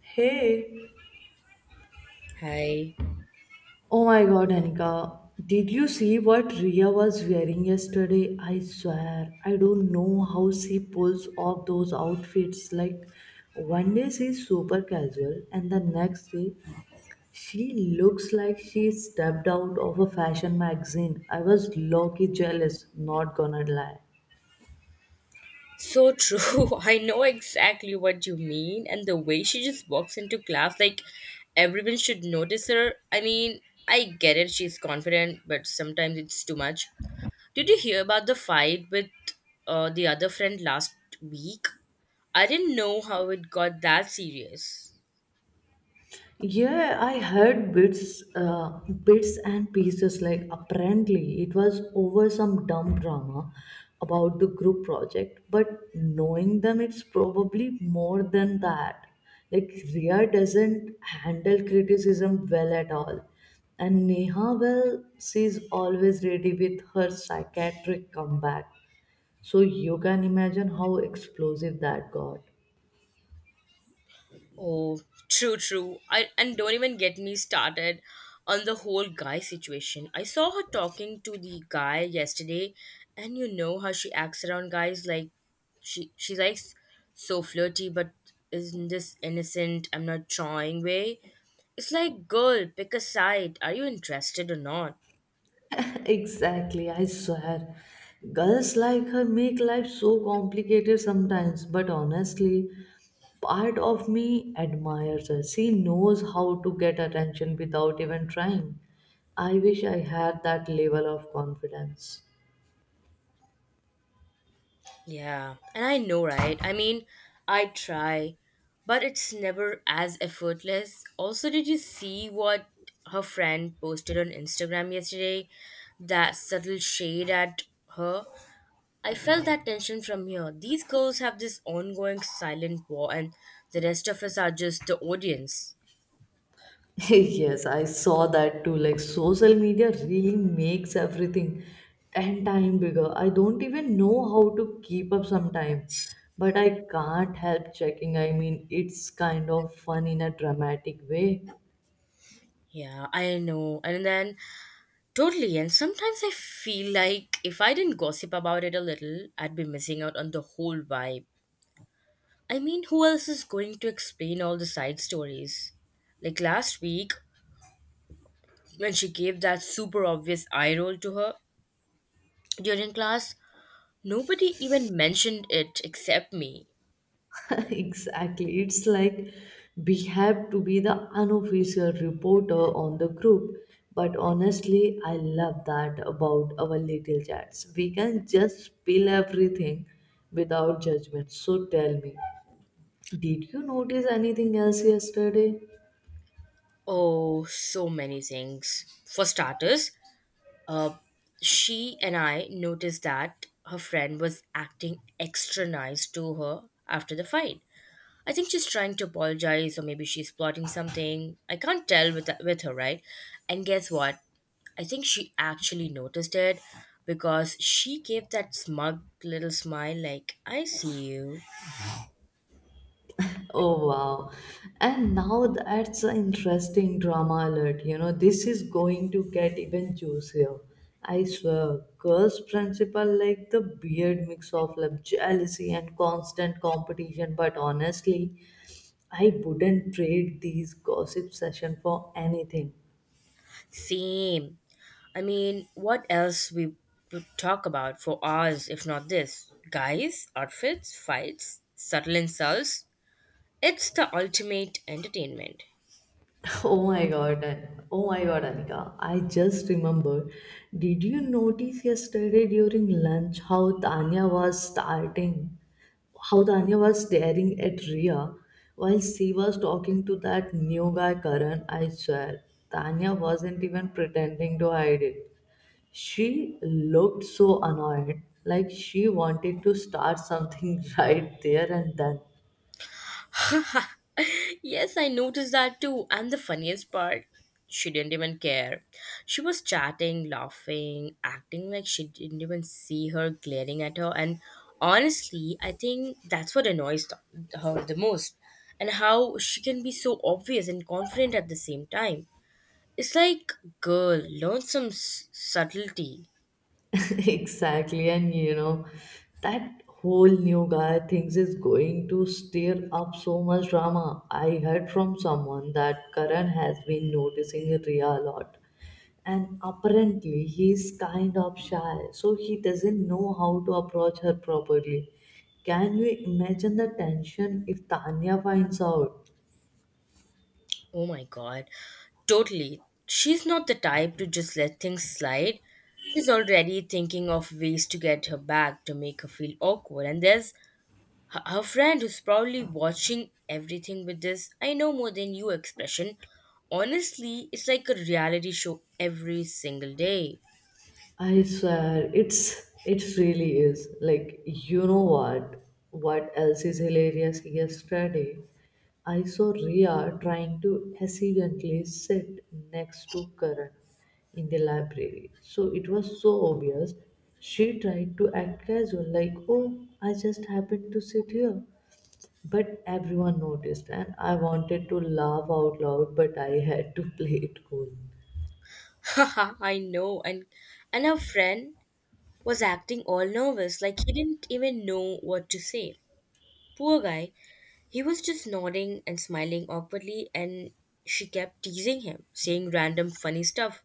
Hey. Hi. Oh my god, Anika, did you see what Ria was wearing yesterday? I swear, I don't know how she pulls off those outfits. Like, one day she's super casual, and the next day she looks like she stepped out of a fashion magazine. I was low key jealous, not gonna lie. So true. I know exactly what you mean. And the way she just walks into class, like everyone should notice her. I mean, I get it, she's confident, but sometimes it's too much. Did you hear about the fight with the other friend last week? I didn't know how it got that serious. Yeah, I heard bits and pieces. Like apparently, it was over some dumb drama about the group project. But knowing them, it's probably more than that. Like Ria doesn't handle criticism well at all, and Neha, well, she's always ready with her psychiatric comeback. So you can imagine how explosive that got. Oh, true, true. I and don't even get me started on the whole guy situation. I saw her talking to the guy yesterday, and you know how she acts around guys, like she's like so flirty, but isn't this innocent? I'm not trying way. It's like, girl, pick a side. Are you interested or not? Exactly, I swear. Girls like her make life so complicated sometimes, but honestly, part of me admires her. She knows how to get attention without even trying. I wish I had that level of confidence. Yeah, and I know, right? I mean, I try, but it's never as effortless. Also, did you see what her friend posted on Instagram yesterday? That subtle shade at her. I felt that tension from here. These girls have this ongoing silent war, and the rest of us are just the audience. Yes, I saw that too. Like social media really makes everything 10 times bigger. I don't even know how to keep up sometime, but I can't help checking. I mean, it's kind of fun in a dramatic way. Yeah, I know. And then, totally. And sometimes I feel like if I didn't gossip about it a little, I'd be missing out on the whole vibe. I mean, who else is going to explain all the side stories? Like last week, when she gave that super obvious eye roll to her during class, nobody even mentioned it except me. Exactly. It's like we have to be the unofficial reporter on the group. But honestly, I love that about our little chats. We can just spill everything without judgment. So tell me, did you notice anything else yesterday? Oh, so many things. For starters, uh, she and I noticed that her friend was acting extra nice to her after the fight. I think she's trying to apologize, or maybe she's plotting something. I can't tell with her, right? And guess what? I think she actually noticed it because she gave that smug little smile, like "I see you." Oh wow. And now that's an interesting drama alert. You know, this is going to get even juicier. I swear, girls' principal like the weird mix of love, jealousy and constant competition, but honestly, I wouldn't trade these gossip session for anything. Same. I mean, what else we would talk about for hours, if not this? Guys, outfits, fights, subtle insults. It's the ultimate entertainment. Oh my god. Oh my god, Anika. I just remember. Did you notice yesterday during lunch how Tanya was starting? How Tanya was staring at Ria while she was talking to that new guy, Karan? I swear. Tanya wasn't even pretending to hide it. She looked so annoyed, like she wanted to start something right there and then. Yes, I noticed that too. And the funniest part, she didn't even care. She was chatting, laughing, acting like she didn't even see her glaring at her. And honestly, I think that's what annoys her the most. And how she can be so obvious and confident at the same time. It's like, girl, learn some subtlety. Exactly, and you know, that whole new guy thinks is going to stir up so much drama. I heard from someone that karan has been noticing Ria a lot, and apparently he's kind of shy, so he doesn't know how to approach her properly. Can you imagine the tension if tanya finds out? Oh my god. Totally. She's not the type to just let things slide. She's already thinking of ways to get her back, to make her feel awkward. And there's her friend who's probably watching everything with this "I know more than you" expression. Honestly, it's like a reality show every single day. I swear, it really is. Like, you know what? What else is hilarious? Yesterday, I saw Ria trying to accidentally sit next to Karan in the library. So it was so obvious. She tried to act casual, like, "Oh, I just happened to sit here," but everyone noticed, and I wanted to laugh out loud, but I had to play it cool. Haha, I know. And her friend was acting all nervous, like he didn't even know what to say. Poor guy. He was just nodding and smiling awkwardly, and she kept teasing him, saying random funny stuff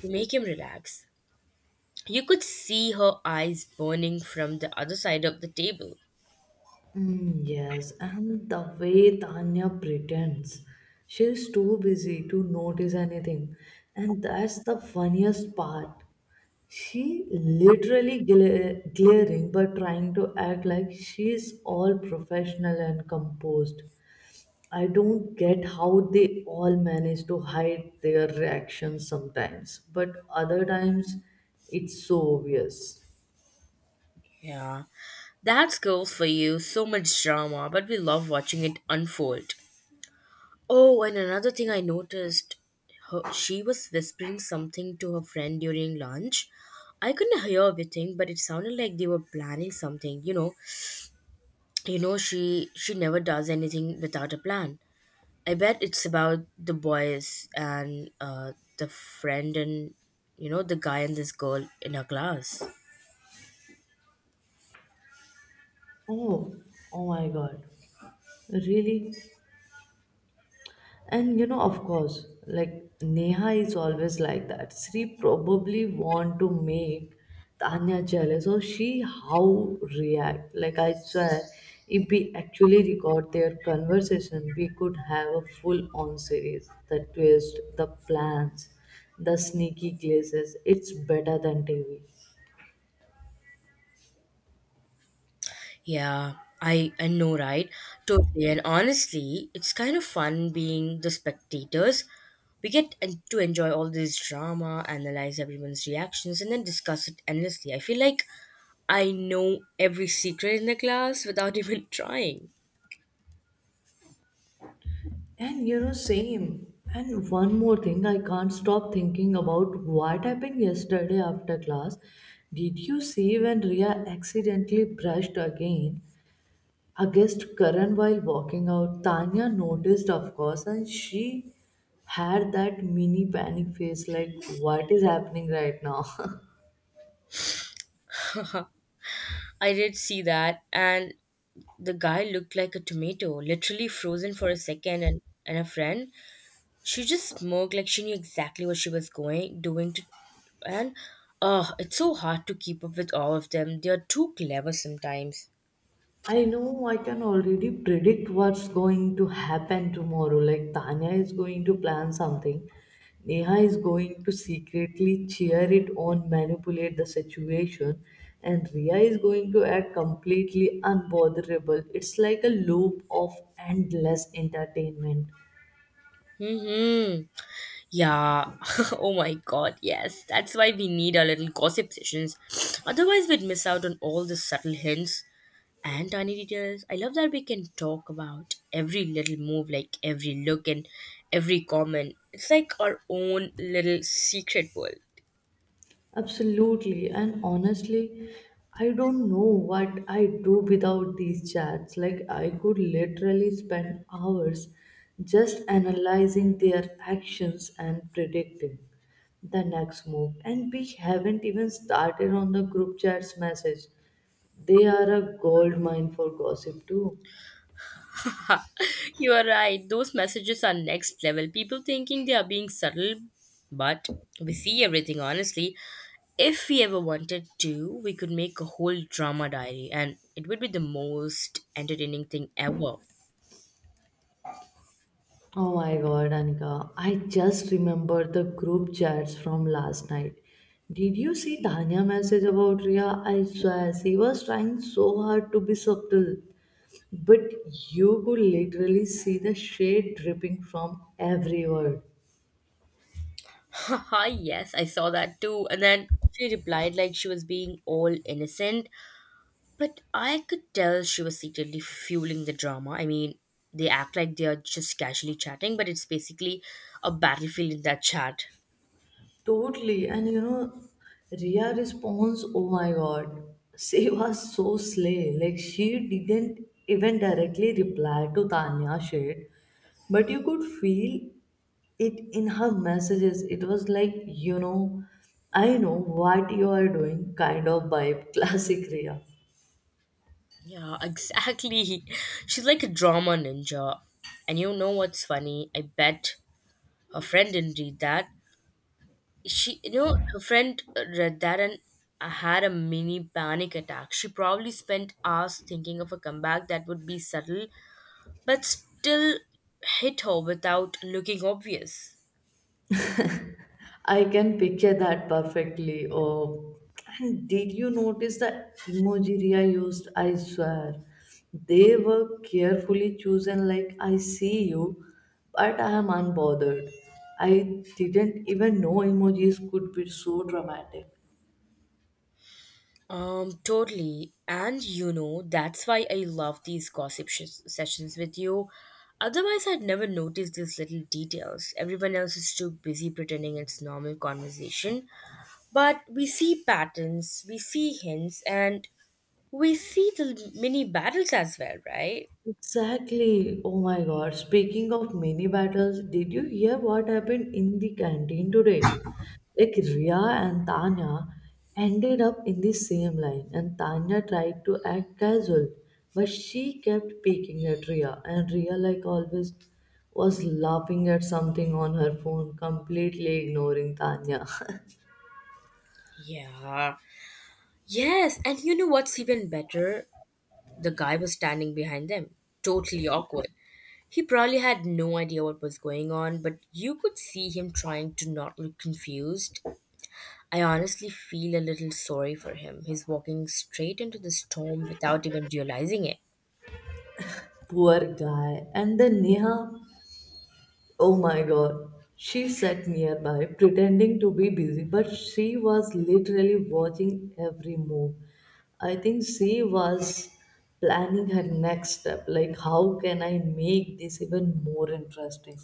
to make him relax. You could see her eyes burning from the other side of the table. Mm, yes, and the way Tanya pretends, she's too busy to notice anything, and that's the funniest part. She literally glaring, but trying to act like she's all professional and composed. I don't get how they all manage to hide their reactions sometimes, but other times it's so obvious. Yeah, that's girls for you. So much drama, but we love watching it unfold. Oh, and another thing I noticed, her, she was whispering something to her friend during lunch. I couldn't hear everything, but it sounded like they were planning something, you know, she never does anything without a plan. I bet it's about the boys and the friend and, you know, the guy and this girl in her class. Oh, oh my god. Really? And you know, of course, like Neha is always like that. She probably want to make Tanya jealous, or she how react. Like I swear, if we actually record their conversation, we could have a full-on series. The twist, the plans, the sneaky glazes. It's better than TV. Yeah, I know, right? Totally. And honestly, it's kind of fun being the spectators. We get to enjoy all this drama, analyze everyone's reactions, and then discuss it endlessly. I feel like I know every secret in the class without even trying. And you know, same. And one more thing, I can't stop thinking about what happened yesterday after class. Did you see when Ria accidentally brushed again against Karan while walking out? Tanya noticed, of course, and she had that mini panic face like, what is happening right now? I did see that, and the guy looked like a tomato, literally frozen for a second, and a friend, she just smirked like she knew exactly what she was going doing to, and oh, it's so hard to keep up with all of them. They are too clever sometimes. I know, I can already predict what's going to happen tomorrow. Like Tanya is going to plan something. Neha is going to secretly cheer it on, manipulate the situation, and Ria is going to act completely unbotherable. It's like a loop of endless entertainment. Mm-hmm. Yeah. Oh my god, yes. That's why we need our little gossip sessions. Otherwise we'd miss out on all the subtle hints and tiny details. I love that we can talk about every little move, like every look and every comment. It's like our own little secret world. Absolutely. And honestly, I don't know what I do without these chats. Like, I could literally spend hours just analyzing their actions and predicting the next move. And we haven't even started on the group chats message. They are a gold mine for gossip, too. You are right. Those messages are next level. People thinking they are being subtle, but we see everything honestly. If we ever wanted to, we could make a whole drama diary and it would be the most entertaining thing ever. Oh my god, Anika. I just remember the group chats from last night. Did you see Tanya message about Ria? I swear she was trying so hard to be subtle. But you could literally see the shade dripping from every word. Haha, yes, I saw that too. And then she replied like she was being all innocent, but I could tell she was secretly fueling the drama. I mean, they act like they are just casually chatting, but it's basically a battlefield in that chat. Totally. And you know, Ria response, oh my god, she was so slay. Like she didn't even directly reply to Tanya shade, but you could feel it in her messages. It was like, you know, I know what you are doing, kind of vibe. Classic Ria. Yeah, exactly. She's like a drama ninja. And you know what's funny? I bet her friend didn't read that. She, you know, her friend read that and had a mini panic attack. She probably spent hours thinking of a comeback that would be subtle, but still hit her without looking obvious. I can picture that perfectly. Oh, and did you notice the emoji Ria used? I swear, they were carefully chosen. Like I see you, but I am unbothered. I didn't even know emojis could be so dramatic. Totally. And you know, that's why I love these gossip sessions with you. Otherwise, I'd never notice these little details. Everyone else is too busy pretending it's normal conversation. But we see patterns, we see hints, and we see the mini battles as well, right? Exactly. Oh my god. Speaking of mini battles, did you hear what happened in the canteen today? Like Ria and Tanya ended up in the same line, and Tanya tried to act casual, but she kept peeking at Ria, and Ria, like always, was laughing at something on her phone, completely ignoring Tanya. Yeah. Yes, and you know what's even better? The guy was standing behind them. Totally awkward. He probably had no idea what was going on, but you could see him trying to not look confused. I honestly feel a little sorry for him. He's walking straight into the storm without even realizing it. Poor guy. And then Neha, oh my god. She sat nearby, pretending to be busy, but she was literally watching every move. I think she was planning her next step like, how can I make this even more interesting?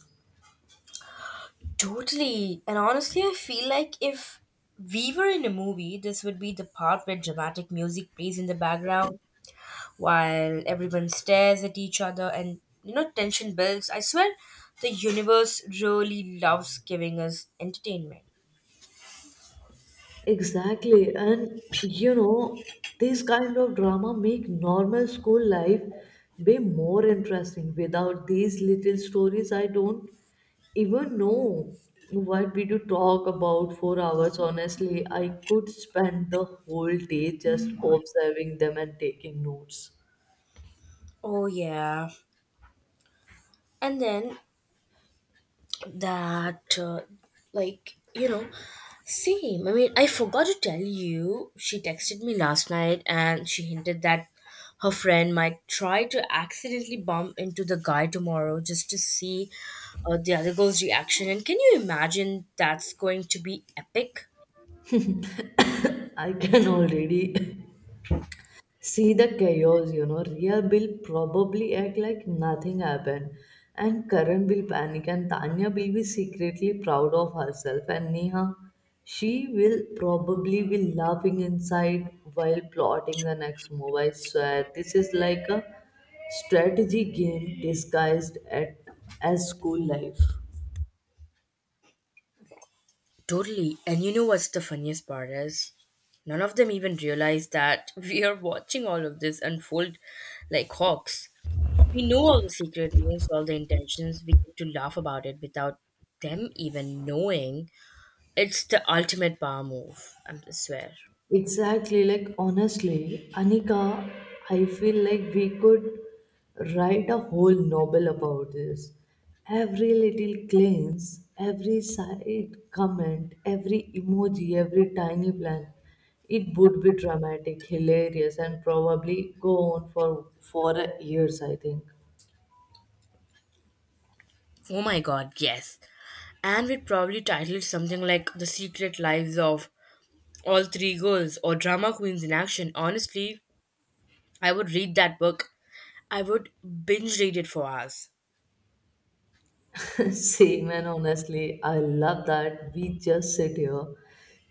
Totally. And honestly, I feel like if we were in a movie, this would be the part where dramatic music plays in the background while everyone stares at each other and, you know, tension builds. I swear the universe really loves giving us entertainment. Exactly. And you know, these kind of drama make normal school life way more interesting. Without these little stories, I don't even know what we do talk about for hours. Honestly, I could spend the whole day just observing them and taking notes. Oh, yeah. And then that like you know same, I mean, I forgot to tell you, she texted me last night and she hinted that her friend might try to accidentally bump into the guy tomorrow just to see the other girl's reaction, and can you imagine? That's going to be epic. I can already see the chaos, you know. Ria will probably act like nothing happened, and Karan will panic, and Tanya will be secretly proud of herself, and Neha, she will probably be laughing inside while plotting the next move. I swear, this is like a strategy game disguised at as school life. Totally. And you know what's the funniest part is none of them even realize that we are watching all of this unfold like hawks. We know all the secret moves, all the intentions. We get to laugh about it without them even knowing. It's the ultimate power move, I swear. Exactly, like honestly, Anika, I feel like we could write a whole novel about this. Every little glance, every side comment, every emoji, every tiny plan. It would be dramatic, hilarious, and probably go on for years, I think. Oh my god, yes. And we'd probably title it something like "The Secret Lives of All Three Girls" or "Drama Queens in Action." Honestly, I would read that book. I would binge read it for hours. Same, and honestly, I love that we just sit here,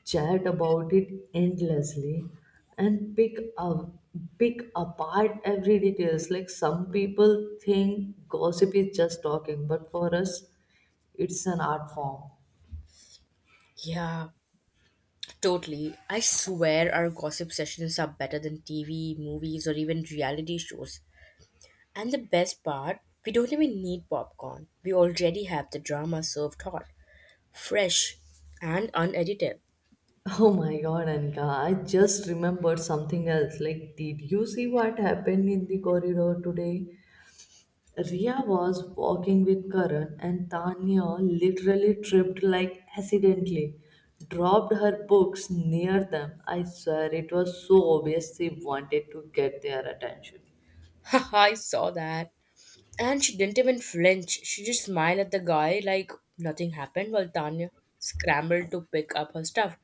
chat about it endlessly, and pick apart every details. Like some people think gossip is just talking, but for us, it's an art form. Yeah, totally. I swear our gossip sessions are better than TV, movies, or even reality shows. And the best part, we don't even need popcorn. We already have the drama served hot, fresh, and unedited. Oh my God, Anika, I just remembered something else. Like, did you see what happened in the corridor today? Ria was walking with Karan, and Tanya literally tripped, like accidentally, dropped her books near them. I swear it was so obvious she wanted to get their attention. Haha, I saw that. And she didn't even flinch. She just smiled at the guy like nothing happened while Tanya scrambled to pick up her stuff.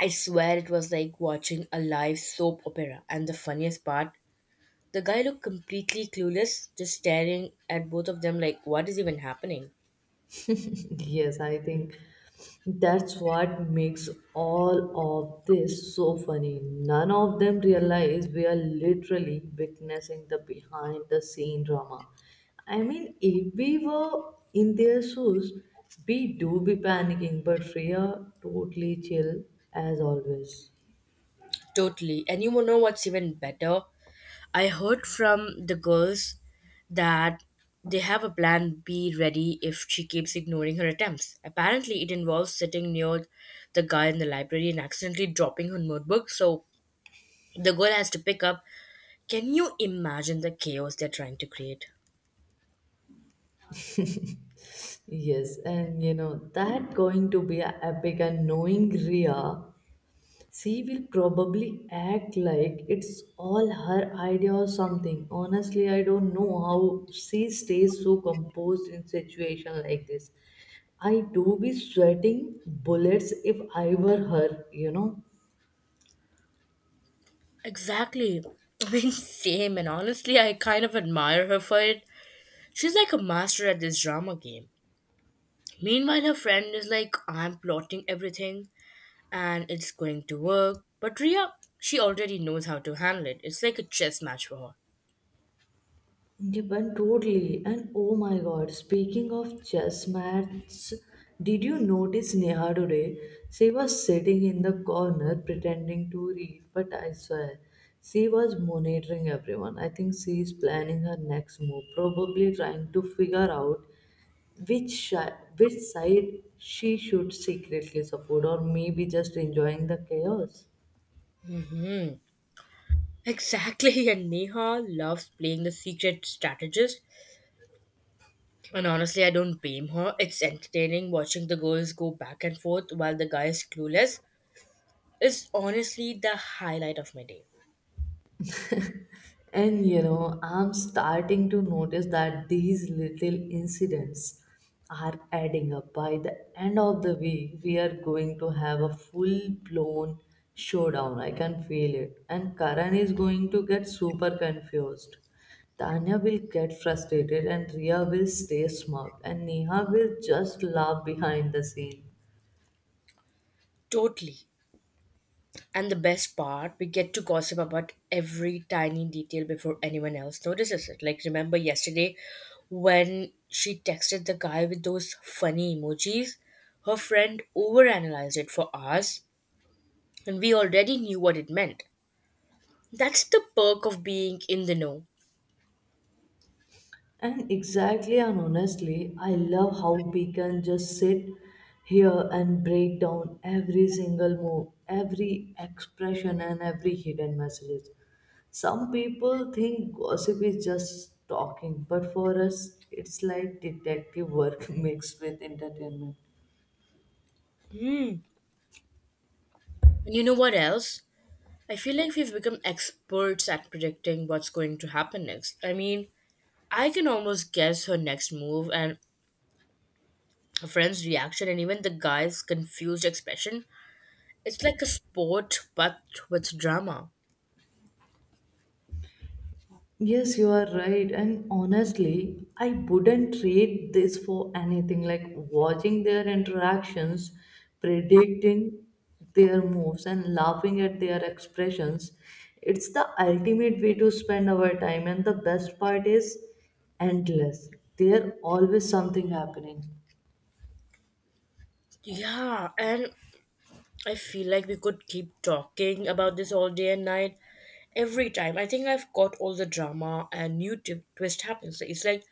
I swear it was like watching a live soap opera. And the funniest part, the guy looked completely clueless, just staring at both of them like, what is even happening? Yes, I think that's what makes all of this so funny. None of them realize we are literally witnessing the behind the scene drama. I mean, if we were in their shoes, we do be panicking, but Freya totally chill as always. Totally. And you know what's even better? I heard from the girls that they have a plan B ready if she keeps ignoring her attempts. Apparently, it involves sitting near the guy in the library and accidentally dropping her notebook, so the girl has to pick up. Can you imagine the chaos they're trying to create? Yes, and you know, that going to be a epic, and knowing Ria, she will probably act like it's all her idea or something. Honestly, I don't know how she stays so composed in situation like this. I do be sweating bullets if I were her, you know. Exactly. I mean, same, and honestly, I kind of admire her for it. She's like a master at this drama game. Meanwhile, her friend is like, I'm plotting everything, and it's going to work. But Ria, she already knows how to handle it. It's like a chess match for her. Depend totally. And oh my god, speaking of chess match, did you notice Neha today? She was sitting in the corner pretending to read, but I swear, she was monitoring everyone. I think she is planning her next move, probably trying to figure out which side she should secretly support, or maybe just enjoying the chaos. Hmm. Exactly, and Neha loves playing the secret strategist. And honestly, I don't blame her. It's entertaining watching the girls go back and forth while the guy is clueless. Is honestly the highlight of my day. And you know, I'm starting to notice that these little incidents are adding up. By the end of the week, we are going to have a full blown showdown. I can feel it. And Karan is going to get super confused. Tanya will get frustrated, and Ria will stay smug, and Neha will just laugh behind the scene. Totally. And the best part, we get to gossip about every tiny detail before anyone else notices it. Like, remember yesterday when she texted the guy with those funny emojis? Her friend overanalyzed it for us, and we already knew what it meant. That's the perk of being in the know. And exactly, and honestly, I love how we can just sit here and break down every single move, every expression, and every hidden message. Some people think gossip is just talking, but for us, it's like detective work mixed with entertainment. Hmm. And you know what else? I feel like we've become experts at predicting what's going to happen next. I mean, I can almost guess her next move, and her friend's reaction and even the guy's confused expression. It's like a sport but with drama. Yes, you are right. And honestly, I wouldn't trade this for anything, like watching their interactions, predicting their moves, and laughing at their expressions. It's the ultimate way to spend our time, and the best part is endless. There's always something happening. Yeah, and I feel like we could keep talking about this all day and night. Every time, I think I've got all the drama and new twist happens. So it's like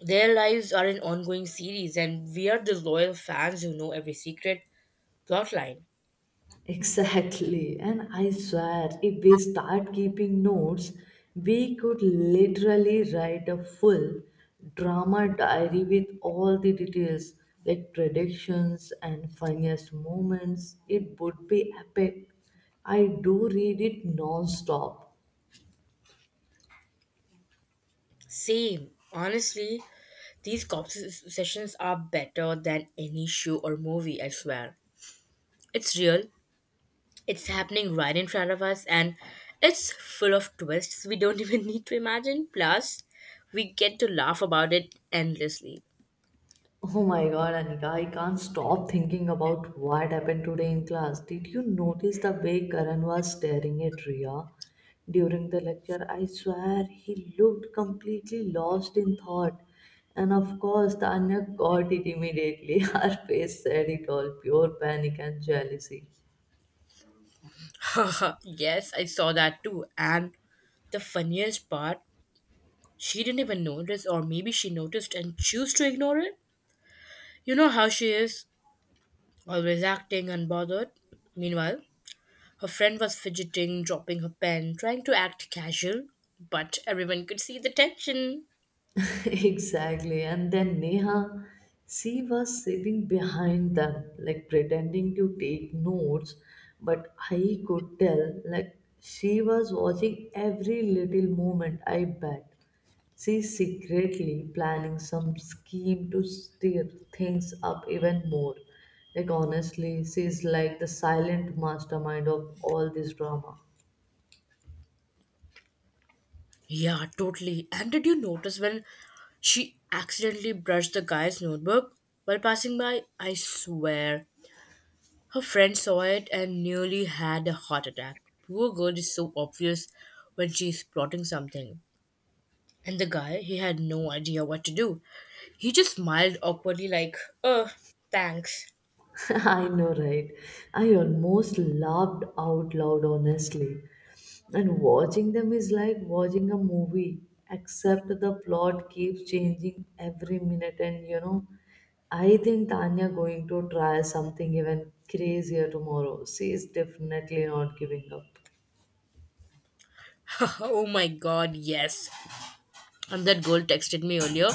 their lives are an ongoing series, and we are the loyal fans who know every secret plotline. Exactly, and I swear if we start keeping notes, we could literally write a full drama diary with all the details like predictions and funniest moments. It would be epic. I do read it non stop. Same, honestly, these conversations sessions are better than any show or movie. I swear, it's real. It's happening right in front of us, and it's full of twists we don't even need to imagine. Plus, we get to laugh about it endlessly. Oh my god, Anika, I can't stop thinking about what happened today in class. Did you notice the way Karan was staring at Riya during the lecture? I swear he looked completely lost in thought. And of course, Tanya got it immediately. Her face said it all, pure panic and jealousy. Yes, I saw that too. And the funniest part, she didn't even notice, or maybe she noticed and choose to ignore it. You know how she is, always acting unbothered. Meanwhile, her friend was fidgeting, dropping her pen, trying to act casual, but everyone could see the tension. Exactly. And then Neha, she was sitting behind them, like pretending to take notes, but I could tell, like, she was watching every little movement, I bet. She's secretly planning some scheme to stir things up even more. Like, honestly, she's like the silent mastermind of all this drama. Yeah, totally. And did you notice when she accidentally brushed the guy's notebook while passing by? I swear. Her friend saw it and nearly had a heart attack. Poor girl is so obvious when she's plotting something. And the guy, he had no idea what to do. He just smiled awkwardly, like, oh, thanks. I know, right? I almost laughed out loud, honestly. And watching them is like watching a movie, except the plot keeps changing every minute. And you know, I think Tanya going to try something even crazier tomorrow. She is definitely not giving up. Oh my god, yes. And that girl texted me earlier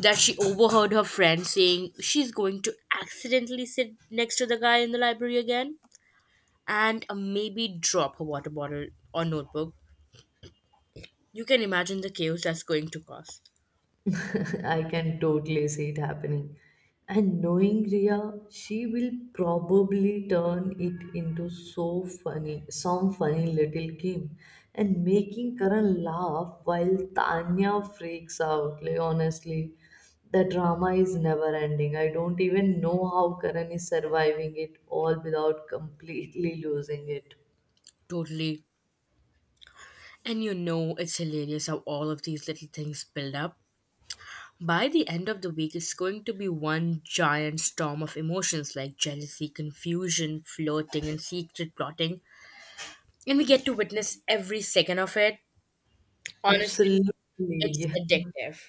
that she overheard her friend saying she's going to accidentally sit next to the guy in the library again and maybe drop her water bottle or notebook. You can imagine the chaos that's going to cause. I can totally see it happening. And knowing Ria, she will probably turn it into some funny little game, and making Karan laugh while Tanya freaks out. Like honestly, the drama is never ending. I don't even know how Karan is surviving it all without completely losing it. Totally. And you know, it's hilarious how all of these little things build up. By the end of the week, it's going to be one giant storm of emotions like jealousy, confusion, flirting, and secret plotting. And we get to witness every second of it. Honestly, Absolutely, it's yeah. addictive.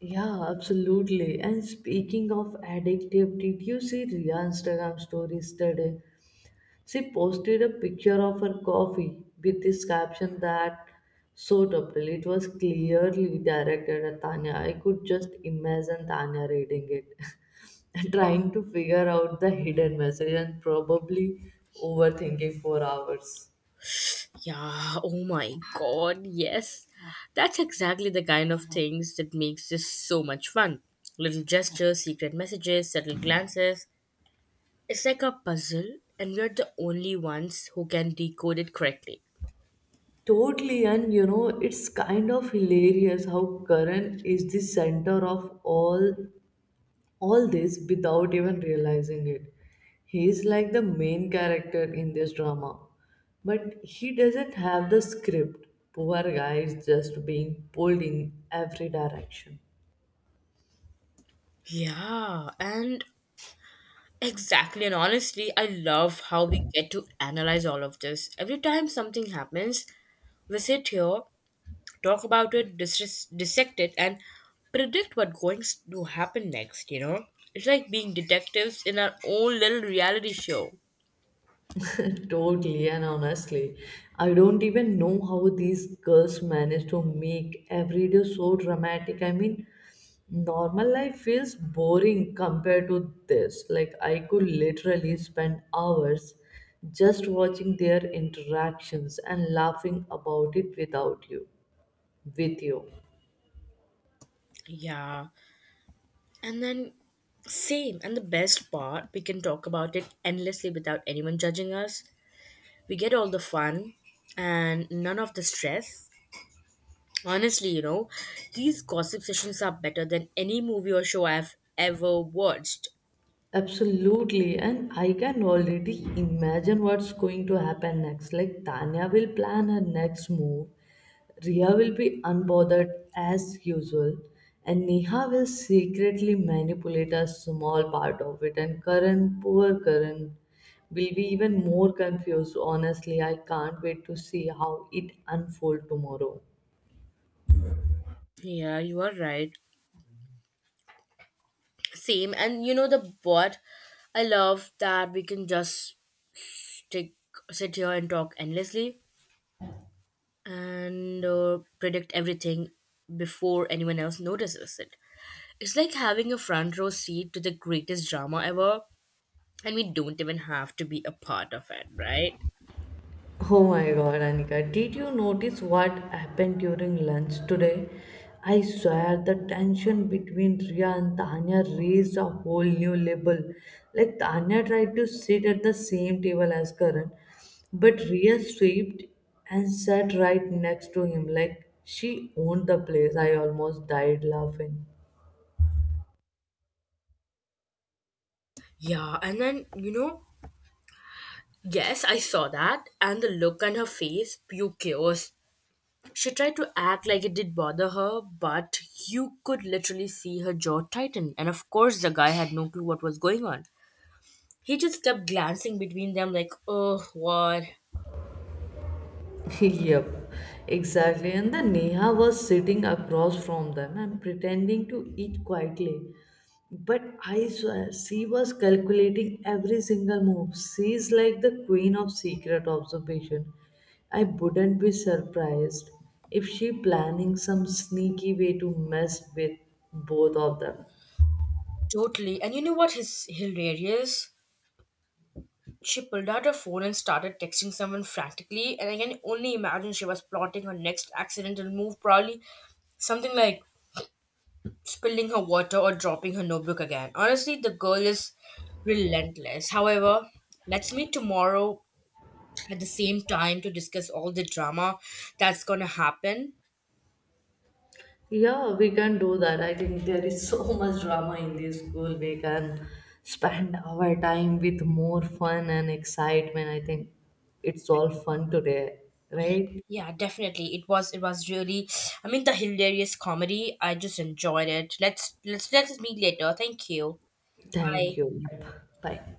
Yeah, absolutely. And speaking of addictive, did you see Ria Instagram stories today? She posted a picture of her coffee with this caption that so totally it was clearly directed at Tanya. I could just imagine Tanya reading it, trying to figure out the hidden message and probably overthinking for hours. Yeah, oh my god, yes. That's exactly the kind of things that makes this so much fun. Little gestures, secret messages, subtle glances. It's like a puzzle, and we're the only ones who can decode it correctly. Totally, and you know, it's kind of hilarious how Karan is the center of all this without even realizing it. He is like the main character in this drama, but he doesn't have the script. Poor guy is just being pulled in every direction. Yeah, and exactly. And honestly, I love how we get to analyze all of this. Every time something happens, we sit here talk about it, dissect it, and predict what's going to happen next, you know? It's like being detectives in our own little reality show. Totally, and honestly, I don't even know how these girls manage to make every day so dramatic. I mean, normal life feels boring compared to this. Like, I could literally spend hours just watching their interactions and laughing about it without you, with you. Yeah. And then, same. And the best part, we can talk about it endlessly without anyone judging us. We get all the fun and none of the stress. Honestly, you know, these gossip sessions are better than any movie or show I've ever watched. Absolutely, and I can already imagine what's going to happen next. Like Tanya will plan her next move, Ria will be unbothered as usual, and Neha will secretly manipulate a small part of it. And Karan, poor Karan, will be even more confused. Honestly, I can't wait to see how it unfolds tomorrow. Yeah, you are right. Same. And you know the what? I love that we can just stick, sit here and talk endlessly and predict everything before anyone else notices it. It's like having a front row seat to the greatest drama ever, and we don't even have to be a part of it, right? Oh my god, Anika, did you notice what happened during lunch today? I swear the tension between Ria and Tanya raised a whole new level. Like Tanya tried to sit at the same table as Karan, but Ria swept and sat right next to him like she owned the place. I almost died laughing. Yeah, and then, you know, yes, I saw that, and the look on her face, pure chaos. She tried to act like it did bother her, but you could literally see her jaw tighten. And of course, the guy had no clue what was going on. He just kept glancing between them, like, oh, what? Yep, exactly. And the Neha was sitting across from them and pretending to eat quietly. But I swear, she was calculating every single move. She's like the queen of secret observation. I wouldn't be surprised if she planning some sneaky way to mess with both of them. Totally. And you know what is hilarious? She pulled out her phone and started texting someone frantically, and I can only imagine she was plotting her next accidental move, probably something like spilling her water or dropping her notebook again. Honestly, the girl is relentless. However, let's meet tomorrow at the same time to discuss all the drama that's going to happen. Yeah, we can do that. I think there is so much drama in this school. We can spend our time with more fun and excitement. I think it's all fun today, right? Yeah, definitely. It was, it was really, I mean, the hilarious comedy, I just enjoyed it. Let's meet later. Thank you. Bye. Thank you. Yep. Bye.